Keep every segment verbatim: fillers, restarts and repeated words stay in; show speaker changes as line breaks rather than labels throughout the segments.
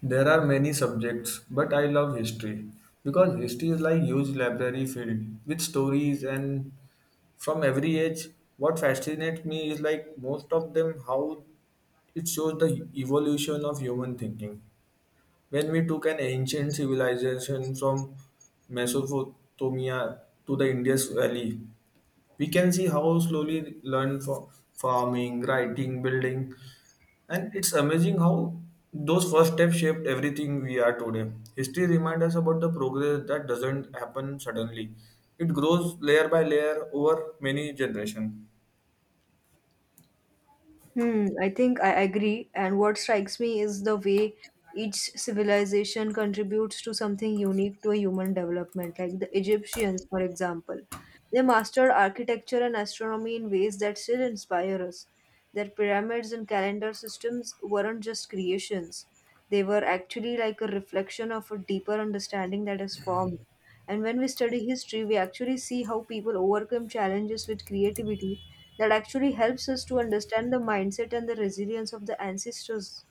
There are many subjects, but I love history because history is like huge library filled with stories and from every age. What fascinates me is like most of them how it shows the evolution of human thinking. When we took an ancient civilization from Mesopotamia to the Indus Valley, we can see how slowly learn for farming, writing, building, and it's amazing how those first steps shaped everything we are today. History reminds us about the progress that doesn't happen suddenly. It grows layer by layer over many generations.
Hmm, I think I agree. And what strikes me is the way each civilization contributes to something unique to a human development. Like the Egyptians, for example, they mastered architecture and astronomy in ways that still inspire us. Their pyramids and calendar systems weren't just creations, they were actually like a reflection of a deeper understanding that is formed. And when we study history, we actually see how people overcome challenges with creativity that actually helps us to understand the mindset and the resilience of the ancestors.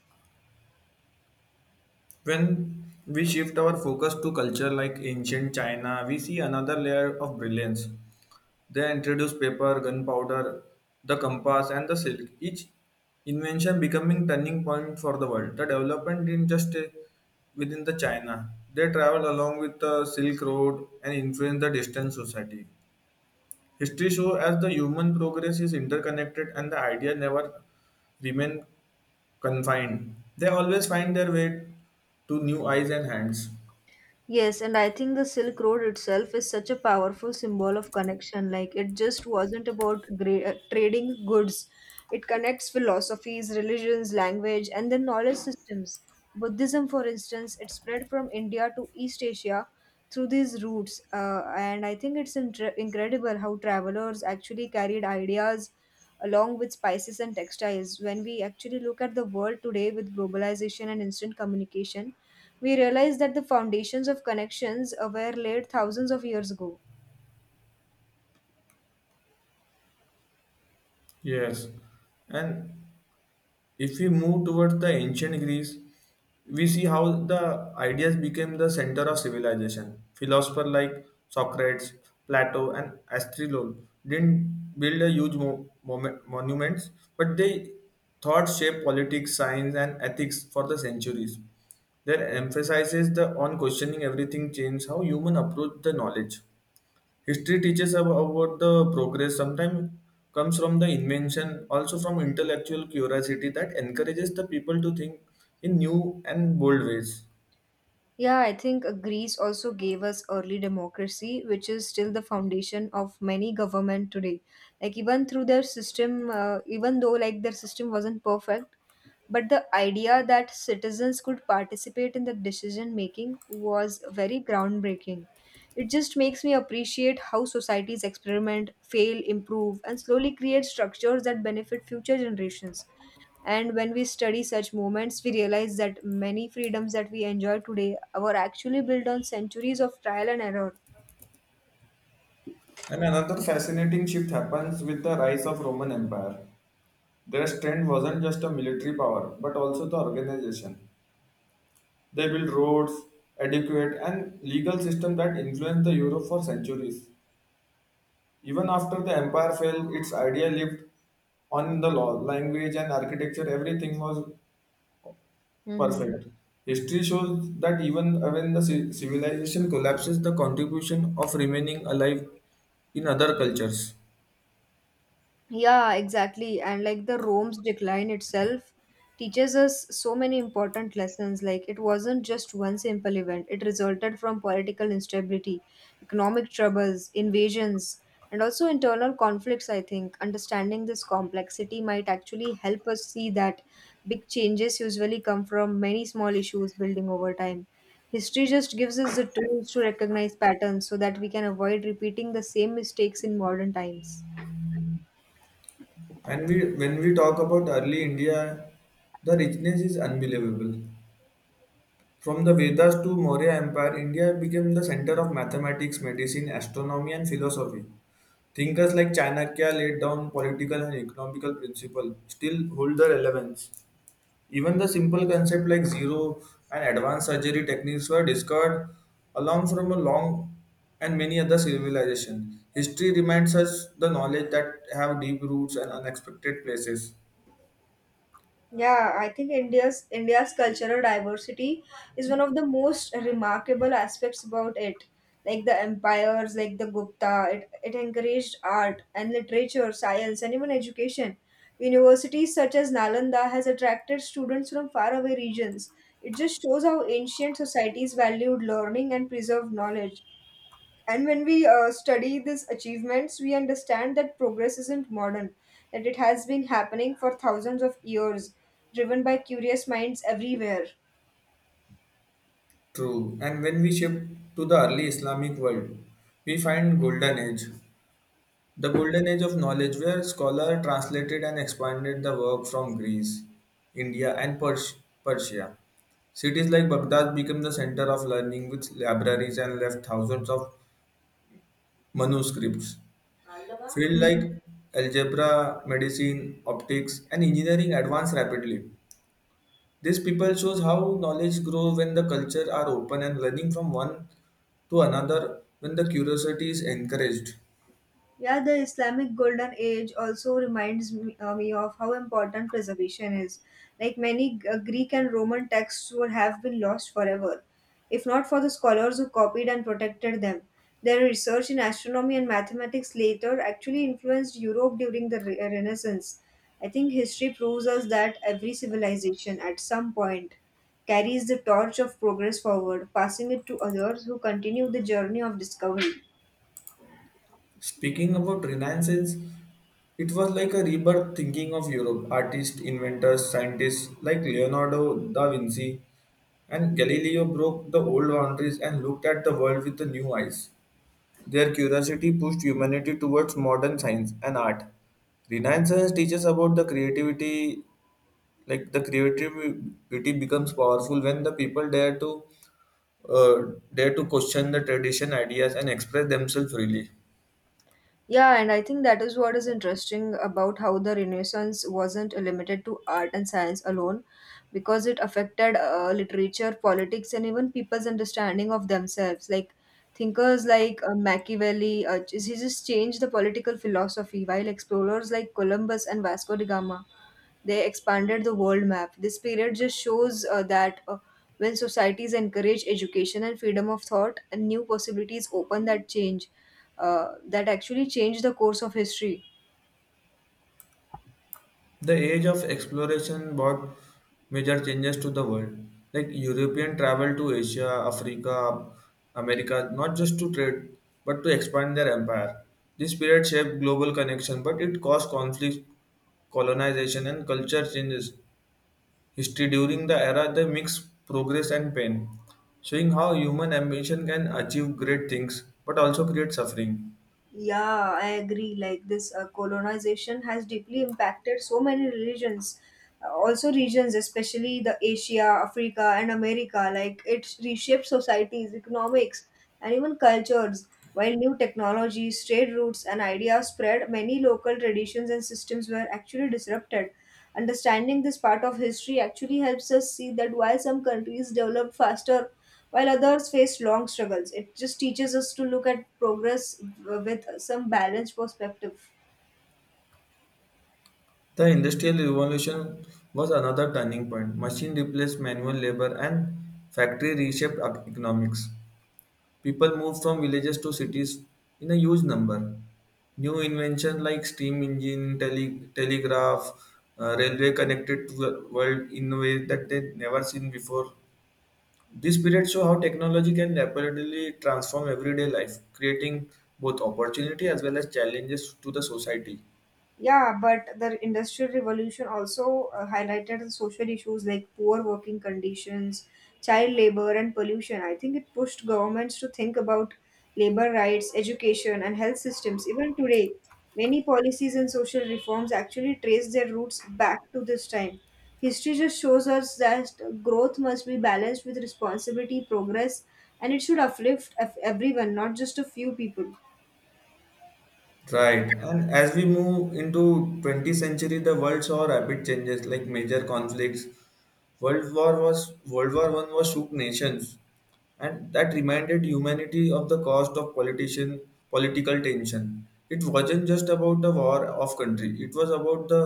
When we shift our focus to culture like ancient China, we see another layer of brilliance. They introduced paper, gunpowder, the compass, and the silk, each invention becoming turning point for the world. The development didn't just stay within the China. They traveled along with the Silk Road and influenced the distant society. History shows as the human progress is interconnected and the idea never remain confined. They always find their way to new eyes and hands.
Yes, and I think the Silk Road itself is such a powerful symbol of connection. Like, it just wasn't about gra- uh, trading goods, it connects philosophies, religions, language, and then knowledge systems. Buddhism, for instance, it spread from India to East Asia through these routes. Uh, and I think it's intre- incredible how travelers actually carried ideas along with spices and textiles. When we actually look at the world today with globalization and instant communication, we realize that the foundations of connections uh, were laid thousands of years ago.
Yes. And if we move towards the ancient greece, we see how the ideas became the center of civilization. Philosophers like socrates, plato, and Aristotle didn't build a huge mo- momen- monuments, but they thought shaped politics, science, and ethics for the centuries. Their emphasis the on questioning everything changed how human approach the knowledge. History teaches ab- about the progress, sometimes comes from the invention, also from intellectual curiosity that encourages the people to think in new and bold ways.
Yeah, I think uh, Greece also gave us early democracy, which is still the foundation of many government today. Like even through their system, uh, even though like their system wasn't perfect, but the idea that citizens could participate in the decision making was very groundbreaking. It just makes me appreciate how societies experiment, fail, improve, and slowly create structures that benefit future generations. And when we study such moments, we realize that many freedoms that we enjoy today were actually built on centuries of trial and error.
And another fascinating shift happens with the rise of Roman Empire. Their strength wasn't just a military power, but also the organization. They built roads, adequate, and legal system that influenced the Europe for centuries. Even after the empire fell, its idea lived on in the law, language, and architecture. Everything was
Mhm.
perfect. History shows that even when the ci- civilization collapses, the contribution of remaining alive in other cultures.
Yeah, exactly. And like the Rome's decline itself teaches us so many important lessons. Like it wasn't just one simple event, it resulted from political instability, economic troubles, invasions, and also internal conflicts. I think understanding this complexity might actually help us see that big changes usually come from many small issues building over time. History just gives us the tools to recognize patterns so that we can avoid repeating the same mistakes in modern times.
And we, when we talk about early India, the richness is unbelievable. From the Vedas to Maurya Empire, India became the center of mathematics, medicine, astronomy, and philosophy. Thinkers like Chanakya laid down political and economical principles still hold their relevance. Even the simple concept like zero and advanced surgery techniques were discovered along from a long and many other civilizations. History reminds us the knowledge that have deep roots and unexpected places.
Yeah, I think India's India's cultural diversity is one of the most remarkable aspects about it. Like the empires, like the Gupta, it, it encouraged art and literature, science, and even education. Universities such as Nalanda has attracted students from faraway regions. It just shows how ancient societies valued learning and preserved knowledge. And when we uh, study these achievements, we understand that progress isn't modern, that it has been happening for thousands of years, driven by curious minds everywhere.
True. And when we shift to the early Islamic world, we find golden age. The golden age of knowledge where scholar translated and expanded the work from Greece, India, and Pers- Persia. Cities like Baghdad became the center of learning with libraries and left thousands of manuscripts. Fields
Mhm.
like algebra, medicine, optics, and engineering advance rapidly. This people shows how knowledge grows when the culture are open and learning from one to another when the curiosity is encouraged.
Yeah, the Islamic golden age also reminds me, uh, me of how important preservation is. Like many uh, Greek and Roman texts would have been lost forever, if not for the scholars who copied and protected them. Their research in astronomy and mathematics later actually influenced Europe during the Re- Renaissance. I think history proves us that every civilization at some point carries the torch of progress forward, passing it to others who continue the journey of discovery.
Speaking about Renaissance, it was like a rebirth thinking of Europe. Artists, inventors, scientists like Leonardo da Vinci and Galileo broke the old boundaries and looked at the world with the new eyes. Their curiosity pushed humanity towards modern science and art. Renaissance teaches about the creativity, like the creativity becomes powerful when the people dare to uh, dare to question the tradition ideas and express themselves freely.
Yeah, and I think that is what is interesting about how the Renaissance wasn't limited to art and science alone, because it affected uh, literature, politics, and even people's understanding of themselves. Like thinkers like uh, Machiavelli, uh, he just changed the political philosophy, while explorers like Columbus and Vasco da Gama they expanded the world map. This period just shows uh, that uh, when societies encourage education and freedom of thought, and new possibilities open that change, uh, that actually change the course of history.
The age of exploration brought major changes to the world. Like European travel to Asia, Africa, America, not just to trade, but to expand their empire. This period shaped global connection, but it caused conflict, colonization, and culture changes. History during the era they mix progress and pain, showing how human ambition can achieve great things but also create suffering.
Yeah, I agree. Like this uh, colonization has deeply impacted so many religions, uh, also regions, especially the Asia, Africa, and America. Like it reshaped societies, economics, and even cultures. While new technologies, trade routes, and ideas spread, many local traditions and systems were actually disrupted. Understanding this part of history actually helps us see that while some countries developed faster, while others faced long struggles, it just teaches us to look at progress w- with some balanced perspective.
The Industrial Revolution was another turning point. Machine replaced manual labor and factory reshaped ec- economics. People moved from villages to cities in a huge number. New inventions like steam engine, tele- telegraph, uh, railway connected to the world in a way that they never seen before. This period show how technology can rapidly transform everyday life, creating both opportunity as well as challenges to the society.
Yeah, but the Industrial Revolution also uh, highlighted the social issues like poor working conditions, child labor, and pollution. I think it pushed governments to think about labor rights, education, and health systems. Even today, many policies and social reforms actually trace their roots back to this time. History just shows us that growth must be balanced with responsibility, progress, and it should uplift ev- everyone, not just a few people.
Right. And as we move into twentieth century, the world saw rapid changes like major conflicts. World War was World War One was shook nations, and that reminded humanity of the cost of politician political tension. It wasn't just about the war of country. It was about the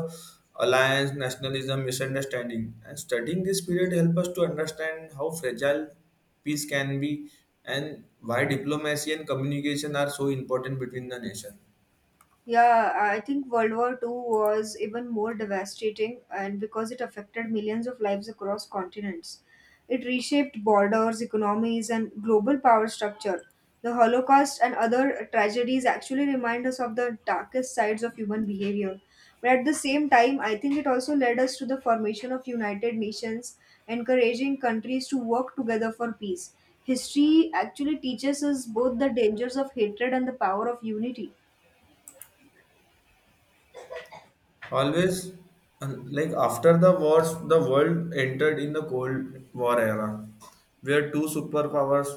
alliance, nationalism, misunderstanding. And studying this period help us to understand how fragile peace can be and why diplomacy and communication are so important between the nation.
Yeah, I think World War Two was even more devastating, and because it affected millions of lives across continents. It reshaped borders, economies, and global power structure. The Holocaust and other tragedies actually remind us of the darkest sides of human behavior. But at the same time, I think it also led us to the formation of United Nations, encouraging countries to work together for peace. History actually teaches us both the dangers of hatred and the power of unity.
Always, and, like after the wars, the world entered in the Cold War era, where two superpowers,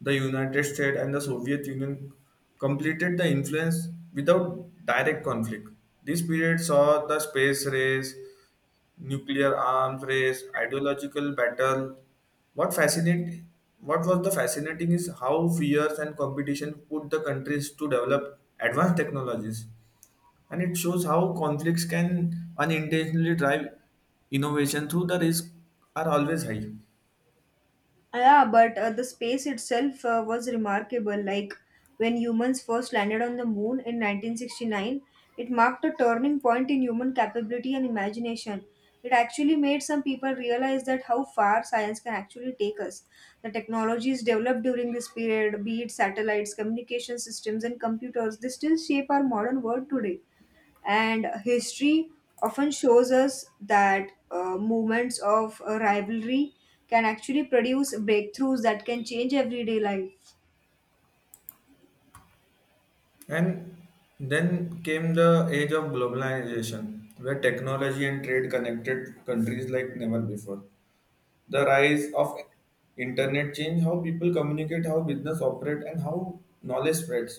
the United States and the Soviet Union, completed the influence without direct conflict. This period saw the space race, nuclear arms race, ideological battle. What fascinate, what was the fascinating is how fears and competition put the countries to develop advanced technologies, and it shows how conflicts can unintentionally drive innovation through the risks are always high.
Yeah, but uh, the space itself uh, was remarkable. Like when humans first landed on the moon in nineteen sixty-nine, it marked a turning point in human capability and imagination. It actually made some people realize that how far science can actually take us. The technologies developed during this period, be it satellites, communication systems, and computers, they still shape our modern world today, and history often shows us that uh, moments of uh, rivalry can actually produce breakthroughs that can change everyday life.
And then came the age of globalization, where technology and trade connected countries like never before. The rise of internet changed how people communicate, how business operate, and how knowledge spreads.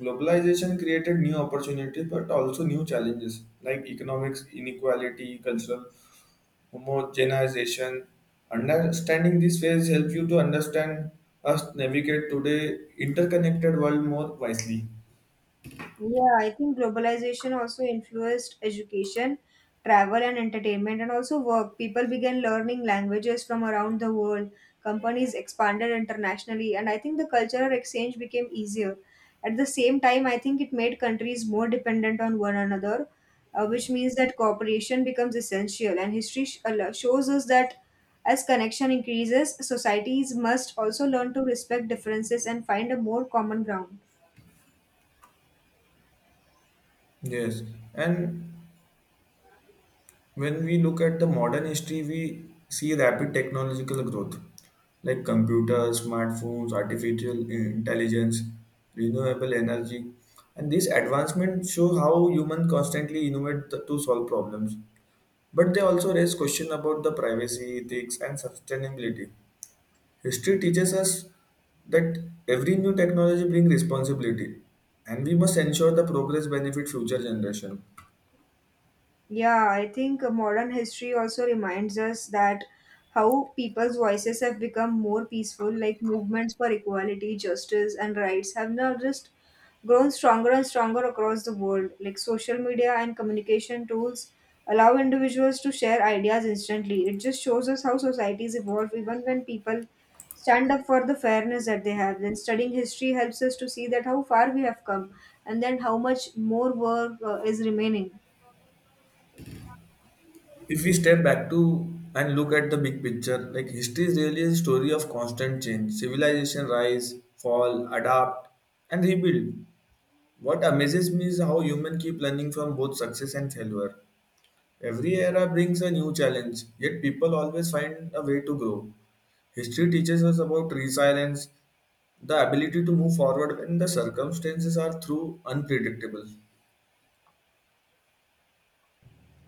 Globalization created new opportunities but also new challenges like economics inequality, cultural homogenization. Understanding these ways help you to understand us navigate today interconnected world more wisely.
Yeah, I think globalization also influenced education, travel, and entertainment, and also work. People began learning languages from around the world. Companies expanded internationally, and I think the cultural exchange became easier. At the same time, I think it made countries more dependent on one another, uh, which means that cooperation becomes essential. And history sh- al- shows us that as connection increases, societies must also learn to respect differences and find a more common ground.
Yes, and when we look at the modern history, we see rapid technological growth like computers, smartphones, artificial intelligence, renewable energy, and these advancements show how humans constantly innovate th- to solve problems. But they also raise questions about the privacy, ethics, and sustainability. History teaches us that every new technology brings responsibility and we must ensure the progress benefit future generation.
Yeah, I think uh, modern history also reminds us that how people's voices have become more peaceful, like movements for equality, justice, and rights have now just grown stronger and stronger across the world. Like social media and communication tools allow individuals to share ideas instantly. It just shows us how societies evolve, even when people stand up for the fairness that they have. Then studying history helps us to see that how far we have come, and then how much more work uh, is remaining.
If we step back to and look at the big picture, like history is really a story of constant change, civilization rise, fall, adapt and rebuild. What amazes me is how humans keep learning from both success and failure. Every era brings a new challenge, yet people always find a way to grow. History teaches us about resilience, the ability to move forward when the circumstances are through unpredictable.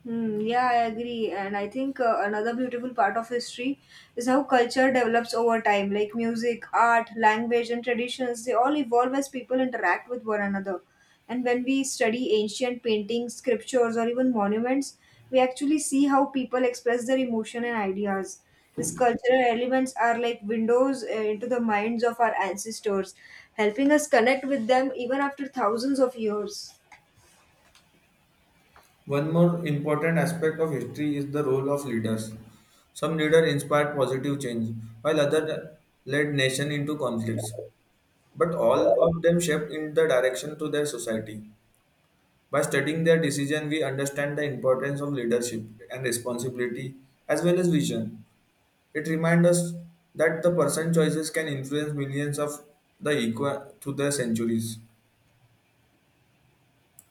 Hmm. Yeah, I agree. And I think uh, another beautiful part of history is how culture develops over time. Like music, art, language, and traditions, they all evolve as people interact with one another. And when we study ancient paintings, scriptures, or even monuments, we actually see how people express their emotion and ideas. These cultural elements are like windows uh, into the minds of our ancestors, helping us connect with them even after thousands of years.
One more important aspect of history is the role of leaders. Some leaders inspired positive change, while others led nation into conflicts. But all of them shaped in the direction to their society. By studying their decision, we understand the importance of leadership and responsibility as well as vision. It reminds us that the person choices can influence millions of the equa through the centuries.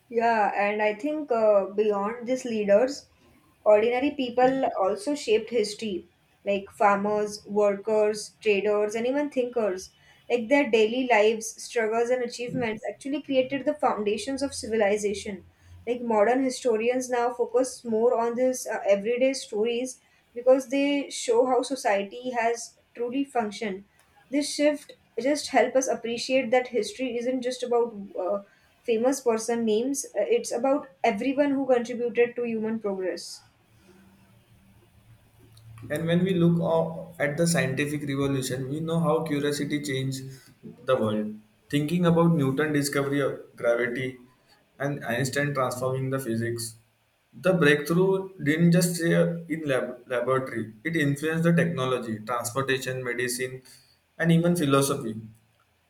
Yeah, and I think uh, beyond these leaders, ordinary people also shaped history, like farmers, workers, traders, and even thinkers. Like their daily lives, struggles, and achievements actually created the foundations of civilization. Like modern historians now focus more on these uh, everyday stories because they show how society has truly functioned. This shift just help us appreciate that history isn't just about uh, famous person names, uh, it's about everyone who contributed to human progress.
And when we look o- at the scientific revolution, we know how curiosity changed the world. Thinking about Newton' discovery of gravity and Einstein transforming the physics, the breakthrough didn't just stay in lab- laboratory. It influenced the technology, transportation, medicine, and even philosophy.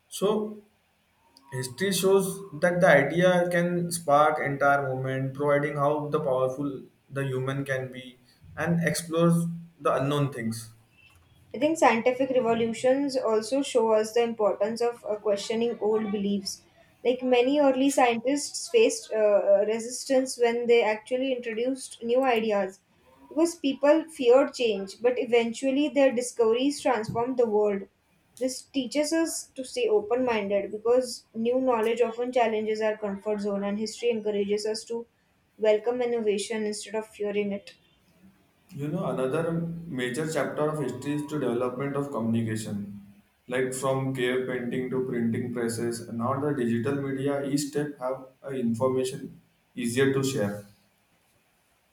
So history shows that the idea can spark entire movement, providing how the powerful the human can be and explores the unknown things.
I think scientific revolutions also show us the importance of uh, questioning old beliefs. Like many early scientists faced uh, uh, resistance when they actually introduced new ideas because people feared change, but eventually their discoveries transformed the world. This teaches us to stay open minded because new knowledge often challenges our comfort zone, and history encourages us to welcome innovation instead of fearing it.
You know, another major chapter of history is to development of communication. Like from cave painting to printing presses, now the digital media each step have uh, information easier to share.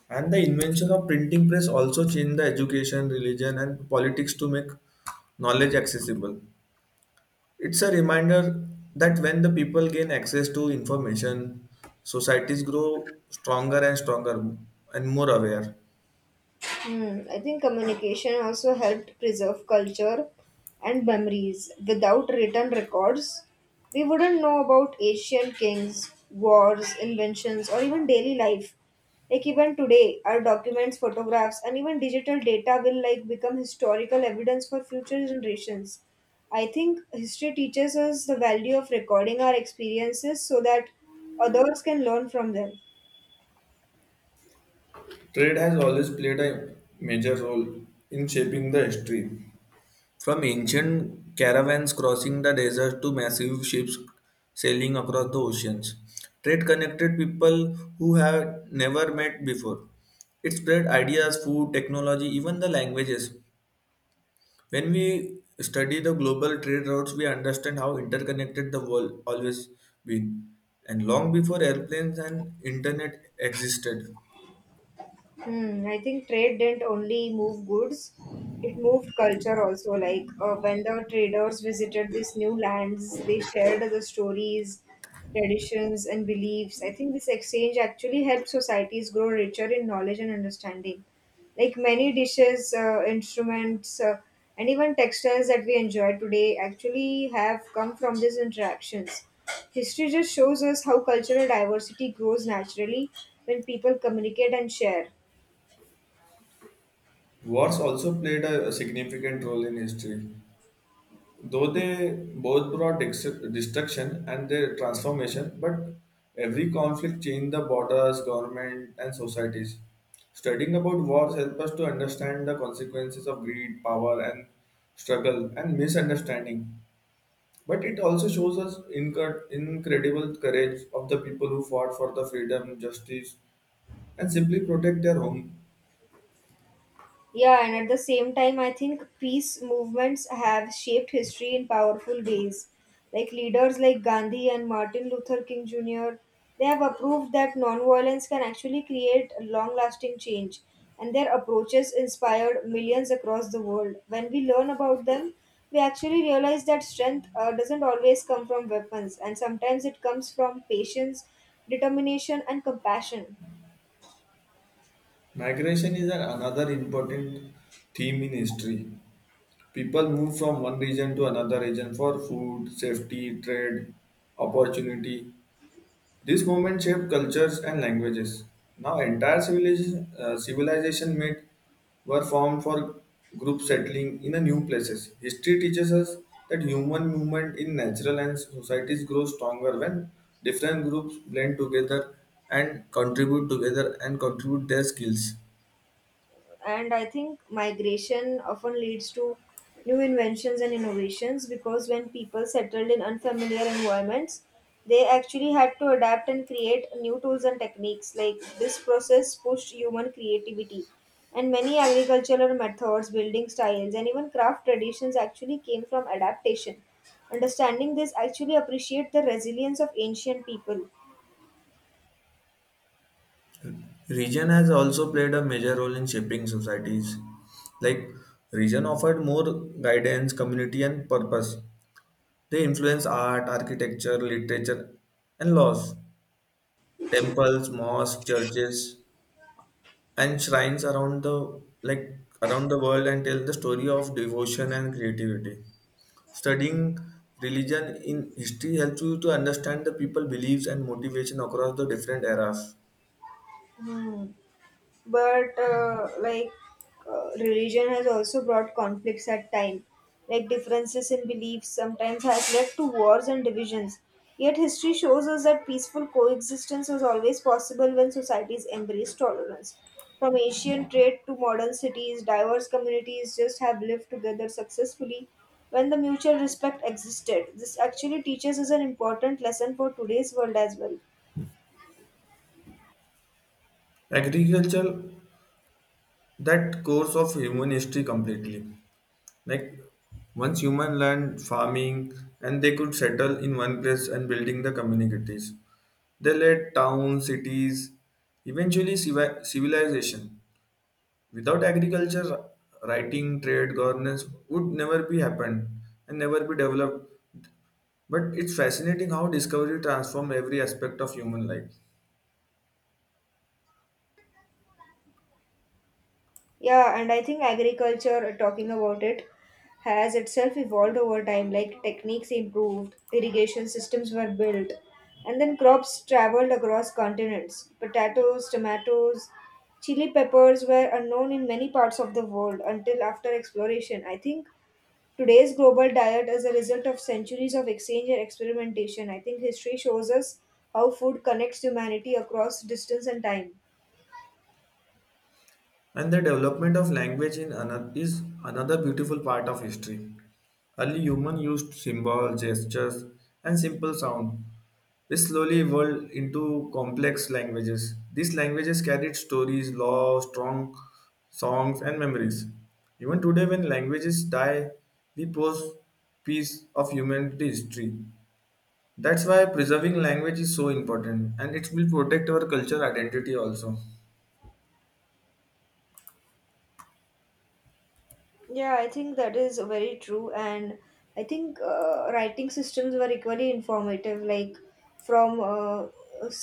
And the invention of printing press also changed the education, religion, and politics to make knowledge accessible. It's a reminder that when the people gain access to information, societies grow stronger and stronger and more aware.
Hmm, I think communication also helped preserve culture and memories. Without written records, we wouldn't know about Asian kings, wars, inventions, or even daily life. Like even today, our documents, photographs, and even digital data will like become historical evidence for future generations. I think history teaches us the value of recording our experiences so that others can learn from them.
Trade has always played a major role in shaping the history. From ancient caravans crossing the deserts to massive ships sailing across the oceans, trade connected people who had never met before. It spread ideas, food, technology, even the languages. When we study the global trade routes, we understand how interconnected the world always been. And long before airplanes and internet existed.
Hmm, I think trade didn't only move goods, it moved culture also. Like uh, when the traders visited these new lands, they shared the stories, traditions, and beliefs. I think this exchange actually helped societies grow richer in knowledge and understanding. Like many dishes, uh, instruments, uh, and even textiles that we enjoy today actually have come from these interactions. History just shows us how cultural diversity grows naturally when people communicate and share.
Wars also played a significant role in history, though they both brought ex- destruction and their transformation. But every conflict changed the borders, government, and societies. Studying about wars helps us to understand the consequences of greed, power, and struggle and misunderstanding. But it also shows us inc- incredible courage of the people who fought for the freedom, justice, and simply protect their home.
Yeah, and at the same time, I think peace movements have shaped history in powerful ways. Like leaders like Gandhi and Martin Luther King Junior, they have approved that nonviolence can actually create long lasting change, and their approaches inspired millions across the world. When we learn about them, we actually realize that strength uh, doesn't always come from weapons, and sometimes it comes from patience, determination, and compassion.
Migration is an- another important theme in history. People move from one region to another region for food, safety, trade, opportunity. This movement shaped cultures and languages. Now, entire civilization, uh, civilization made were formed for group settling in a new places. History teaches us that human movement in natural and societies grow stronger when different groups blend together and contribute together and contribute their skills.
And I think migration often leads to new inventions and innovations, because when people settled in unfamiliar environments, they actually had to adapt and create new tools and techniques. Like this process pushed human creativity, and many agricultural methods, building styles, and even craft traditions actually came from adaptation. Understanding this actually appreciate the resilience of ancient people.
Region has also played a major role in shaping societies. Like, region offered more guidance, community, and purpose. They influence art, architecture, literature, and laws. Temples, mosques, churches, and shrines around the like around the world and tell the story of devotion and creativity. Studying religion in history helps you to understand the people beliefs and motivation across the different eras.
Hmm. But uh, like uh, religion has also brought conflicts at time. Like differences in beliefs sometimes has led to wars and divisions, yet history shows us that peaceful coexistence was always possible when societies embraced tolerance. From ancient trade to modern cities, diverse communities just have lived together successfully when the mutual respect existed. This actually teaches us an important lesson for today's world as well.
Agriculture that course of human history completely. Like once human learned farming and they could settle in one place and building the communities. They led towns, cities, eventually civi- civilization. Without agriculture, writing, trade, governance would never be happened and never be developed. But it's fascinating how discovery transformed every aspect of human life.
Yeah, and I think agriculture, uh, talking about it, has itself evolved over time. Like techniques improved, irrigation systems were built, and then crops traveled across continents. Potatoes, tomatoes, chili peppers were unknown in many parts of the world until after exploration. I think today's global diet is a result of centuries of exchange and experimentation. I think history shows us how food connects humanity across distance and time.
And the development of language in another, is another beautiful part of history. Early humans used symbols, gestures, and simple sound. This slowly evolved into complex languages. These languages carried stories, laws, strong songs, and memories. Even today, when languages die, we pose piece of humanity history. That's why preserving language is so important, and it will protect our culture identity also.
Yeah, I think that is very true, and I think uh, writing systems were equally informative, like from uh,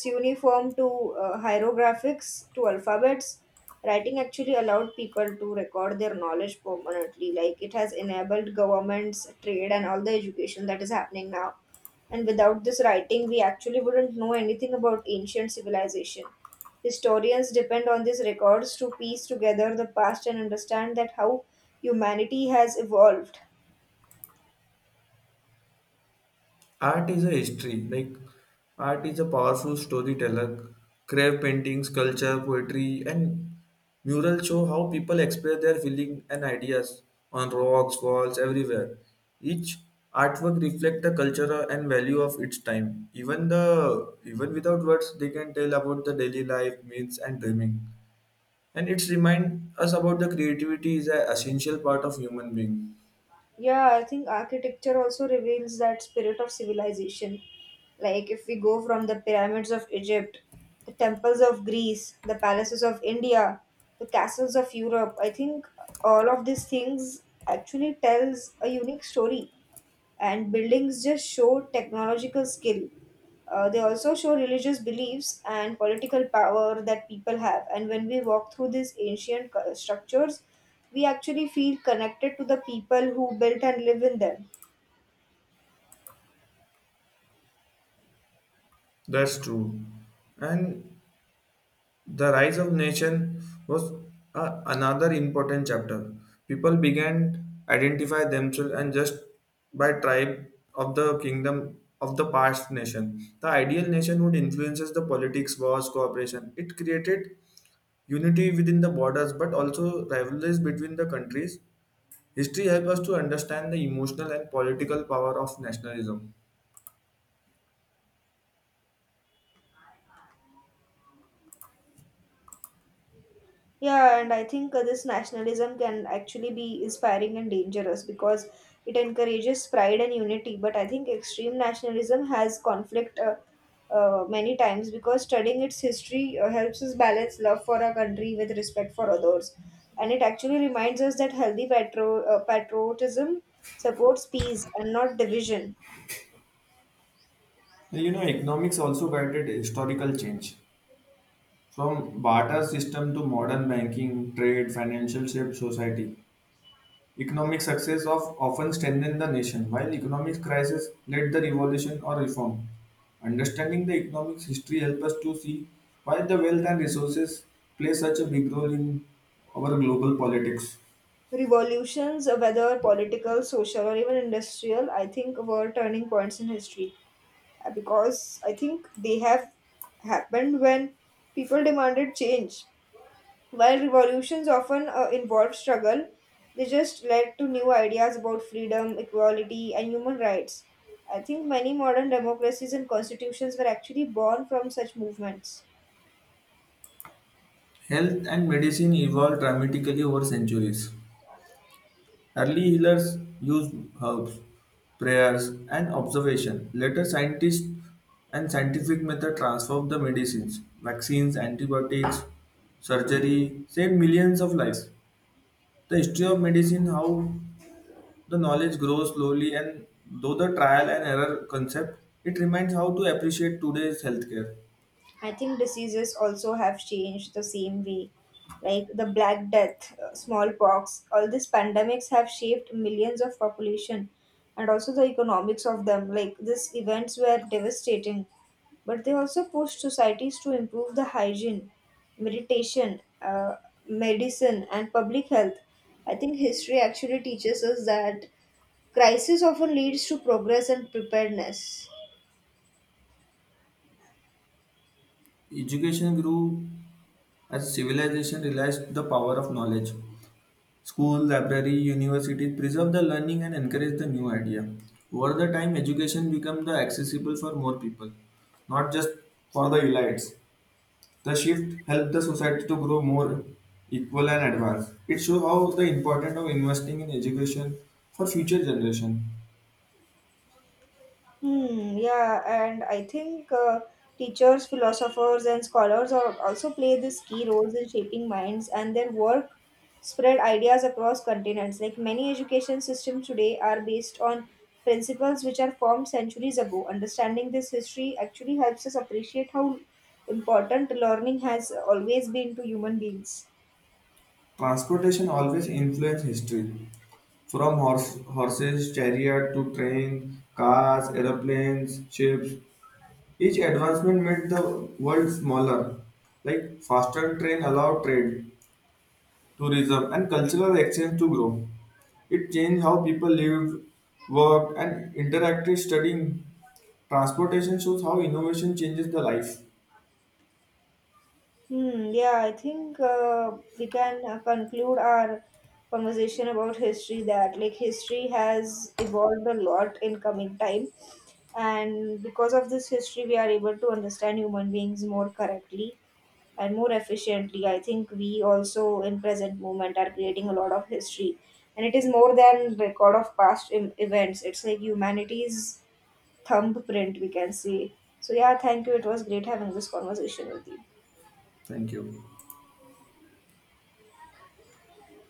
cuneiform to uh, hieroglyphics to alphabets. Writing actually allowed people to record their knowledge permanently. Like it has enabled governments, trade, and all the education that is happening now. And without this writing, we actually wouldn't know anything about ancient civilization. Historians depend on these records to piece together the past and understand that how humanity has evolved.
Art is a history, like art is a powerful storyteller. Craft paintings, culture, poetry, and murals show how people express their feelings and ideas on rocks, walls, everywhere. Each artwork reflects the culture and value of its time. Even the even without words, they can tell about the daily life, myths, and dreaming. And it's remind us about the creativity is an essential part of human being.
Yeah, I think architecture also reveals that spirit of civilization. Like if we go from the pyramids of Egypt, the temples of Greece, the palaces of India, the castles of Europe, I think all of these things actually tells a unique story, and buildings just show technological skill. Uh, they also show religious beliefs and political power that people have. And when we walk through these ancient cu- structures, we actually feel connected to the people who built and live in them.
That's true. And the rise of nation was a, another important chapter. People began identify themselves and just by tribe of the kingdom of the past nation. The ideal nation would influences the politics, wars, cooperation. It created unity within the borders, but also rivalries between the countries. History helps us to understand the emotional and political power of nationalism.
Yeah, and I think uh, this nationalism can actually be inspiring and dangerous, because it encourages pride and unity. But I think extreme nationalism has conflict uh, uh, many times, because studying its history uh, helps us balance love for our country with respect for others. And it actually reminds us that healthy patro- uh, patriotism supports peace and not division.
You know, economics also guided historical change. From barter system to modern banking, trade, financial shaped society, economic success of often strengthened the nation, while economic crisis led the revolution or reform. Understanding the economic history helps us to see why the wealth and resources play such a big role in our global politics.
Revolutions, uh, whether political, social, or even industrial, I think were turning points in history. Uh, because I think they have happened when people demanded change. While revolutions often uh, involve struggle, they just led to new ideas about freedom, equality, and human rights. I think many modern democracies and constitutions were actually born from such movements.
Health and medicine evolved dramatically over centuries. Early healers used herbs, prayers, and observation. Later, scientists and scientific method transformed the medicines, vaccines, antibiotics, surgery, saved millions of lives. The history of medicine, how the knowledge grows slowly, and though the trial and error concept, it reminds how to appreciate today's healthcare.
I think diseases also have changed the same way. Like the Black Death, uh, smallpox, all these pandemics have shaped millions of population and also the economics of them. Like these events were devastating, but they also pushed societies to improve the hygiene, meditation, uh, medicine, and public health. I think history actually teaches us that crisis often leads to progress and preparedness.
Education grew as civilization realized the power of knowledge. School, library, universities preserve the learning and encourage the new idea. Over the time, education becomes the accessible for more people, not just for the elites. The shift helped the society to grow more equal and advanced. It shows how the importance of investing in education for future generation.
Hmm, yeah, and I think uh, teachers, philosophers, and scholars are also play this key roles in shaping minds, and their work spread ideas across continents. Like many education systems today are based on principles which are formed centuries ago. Understanding this history actually helps us appreciate how important learning has always been to human beings.
Transportation always influences history. From horse, horses, chariot to train, cars, aeroplanes, ships, each advancement made the world smaller, like faster train allowed trade, tourism, and cultural exchange to grow. It changed how people lived, worked, and interacted studying. Transportation shows how innovation changes the life.
Hmm, yeah, I think uh, we can uh, conclude our conversation about history that like history has evolved a lot in coming time, and because of this history, we are able to understand human beings more correctly and more efficiently. I think we also in present moment are creating a lot of history, and it is more than record of past em- events. It's like humanity's thumbprint, we can say. So yeah, thank you. It was great having this conversation with you.
Thank you.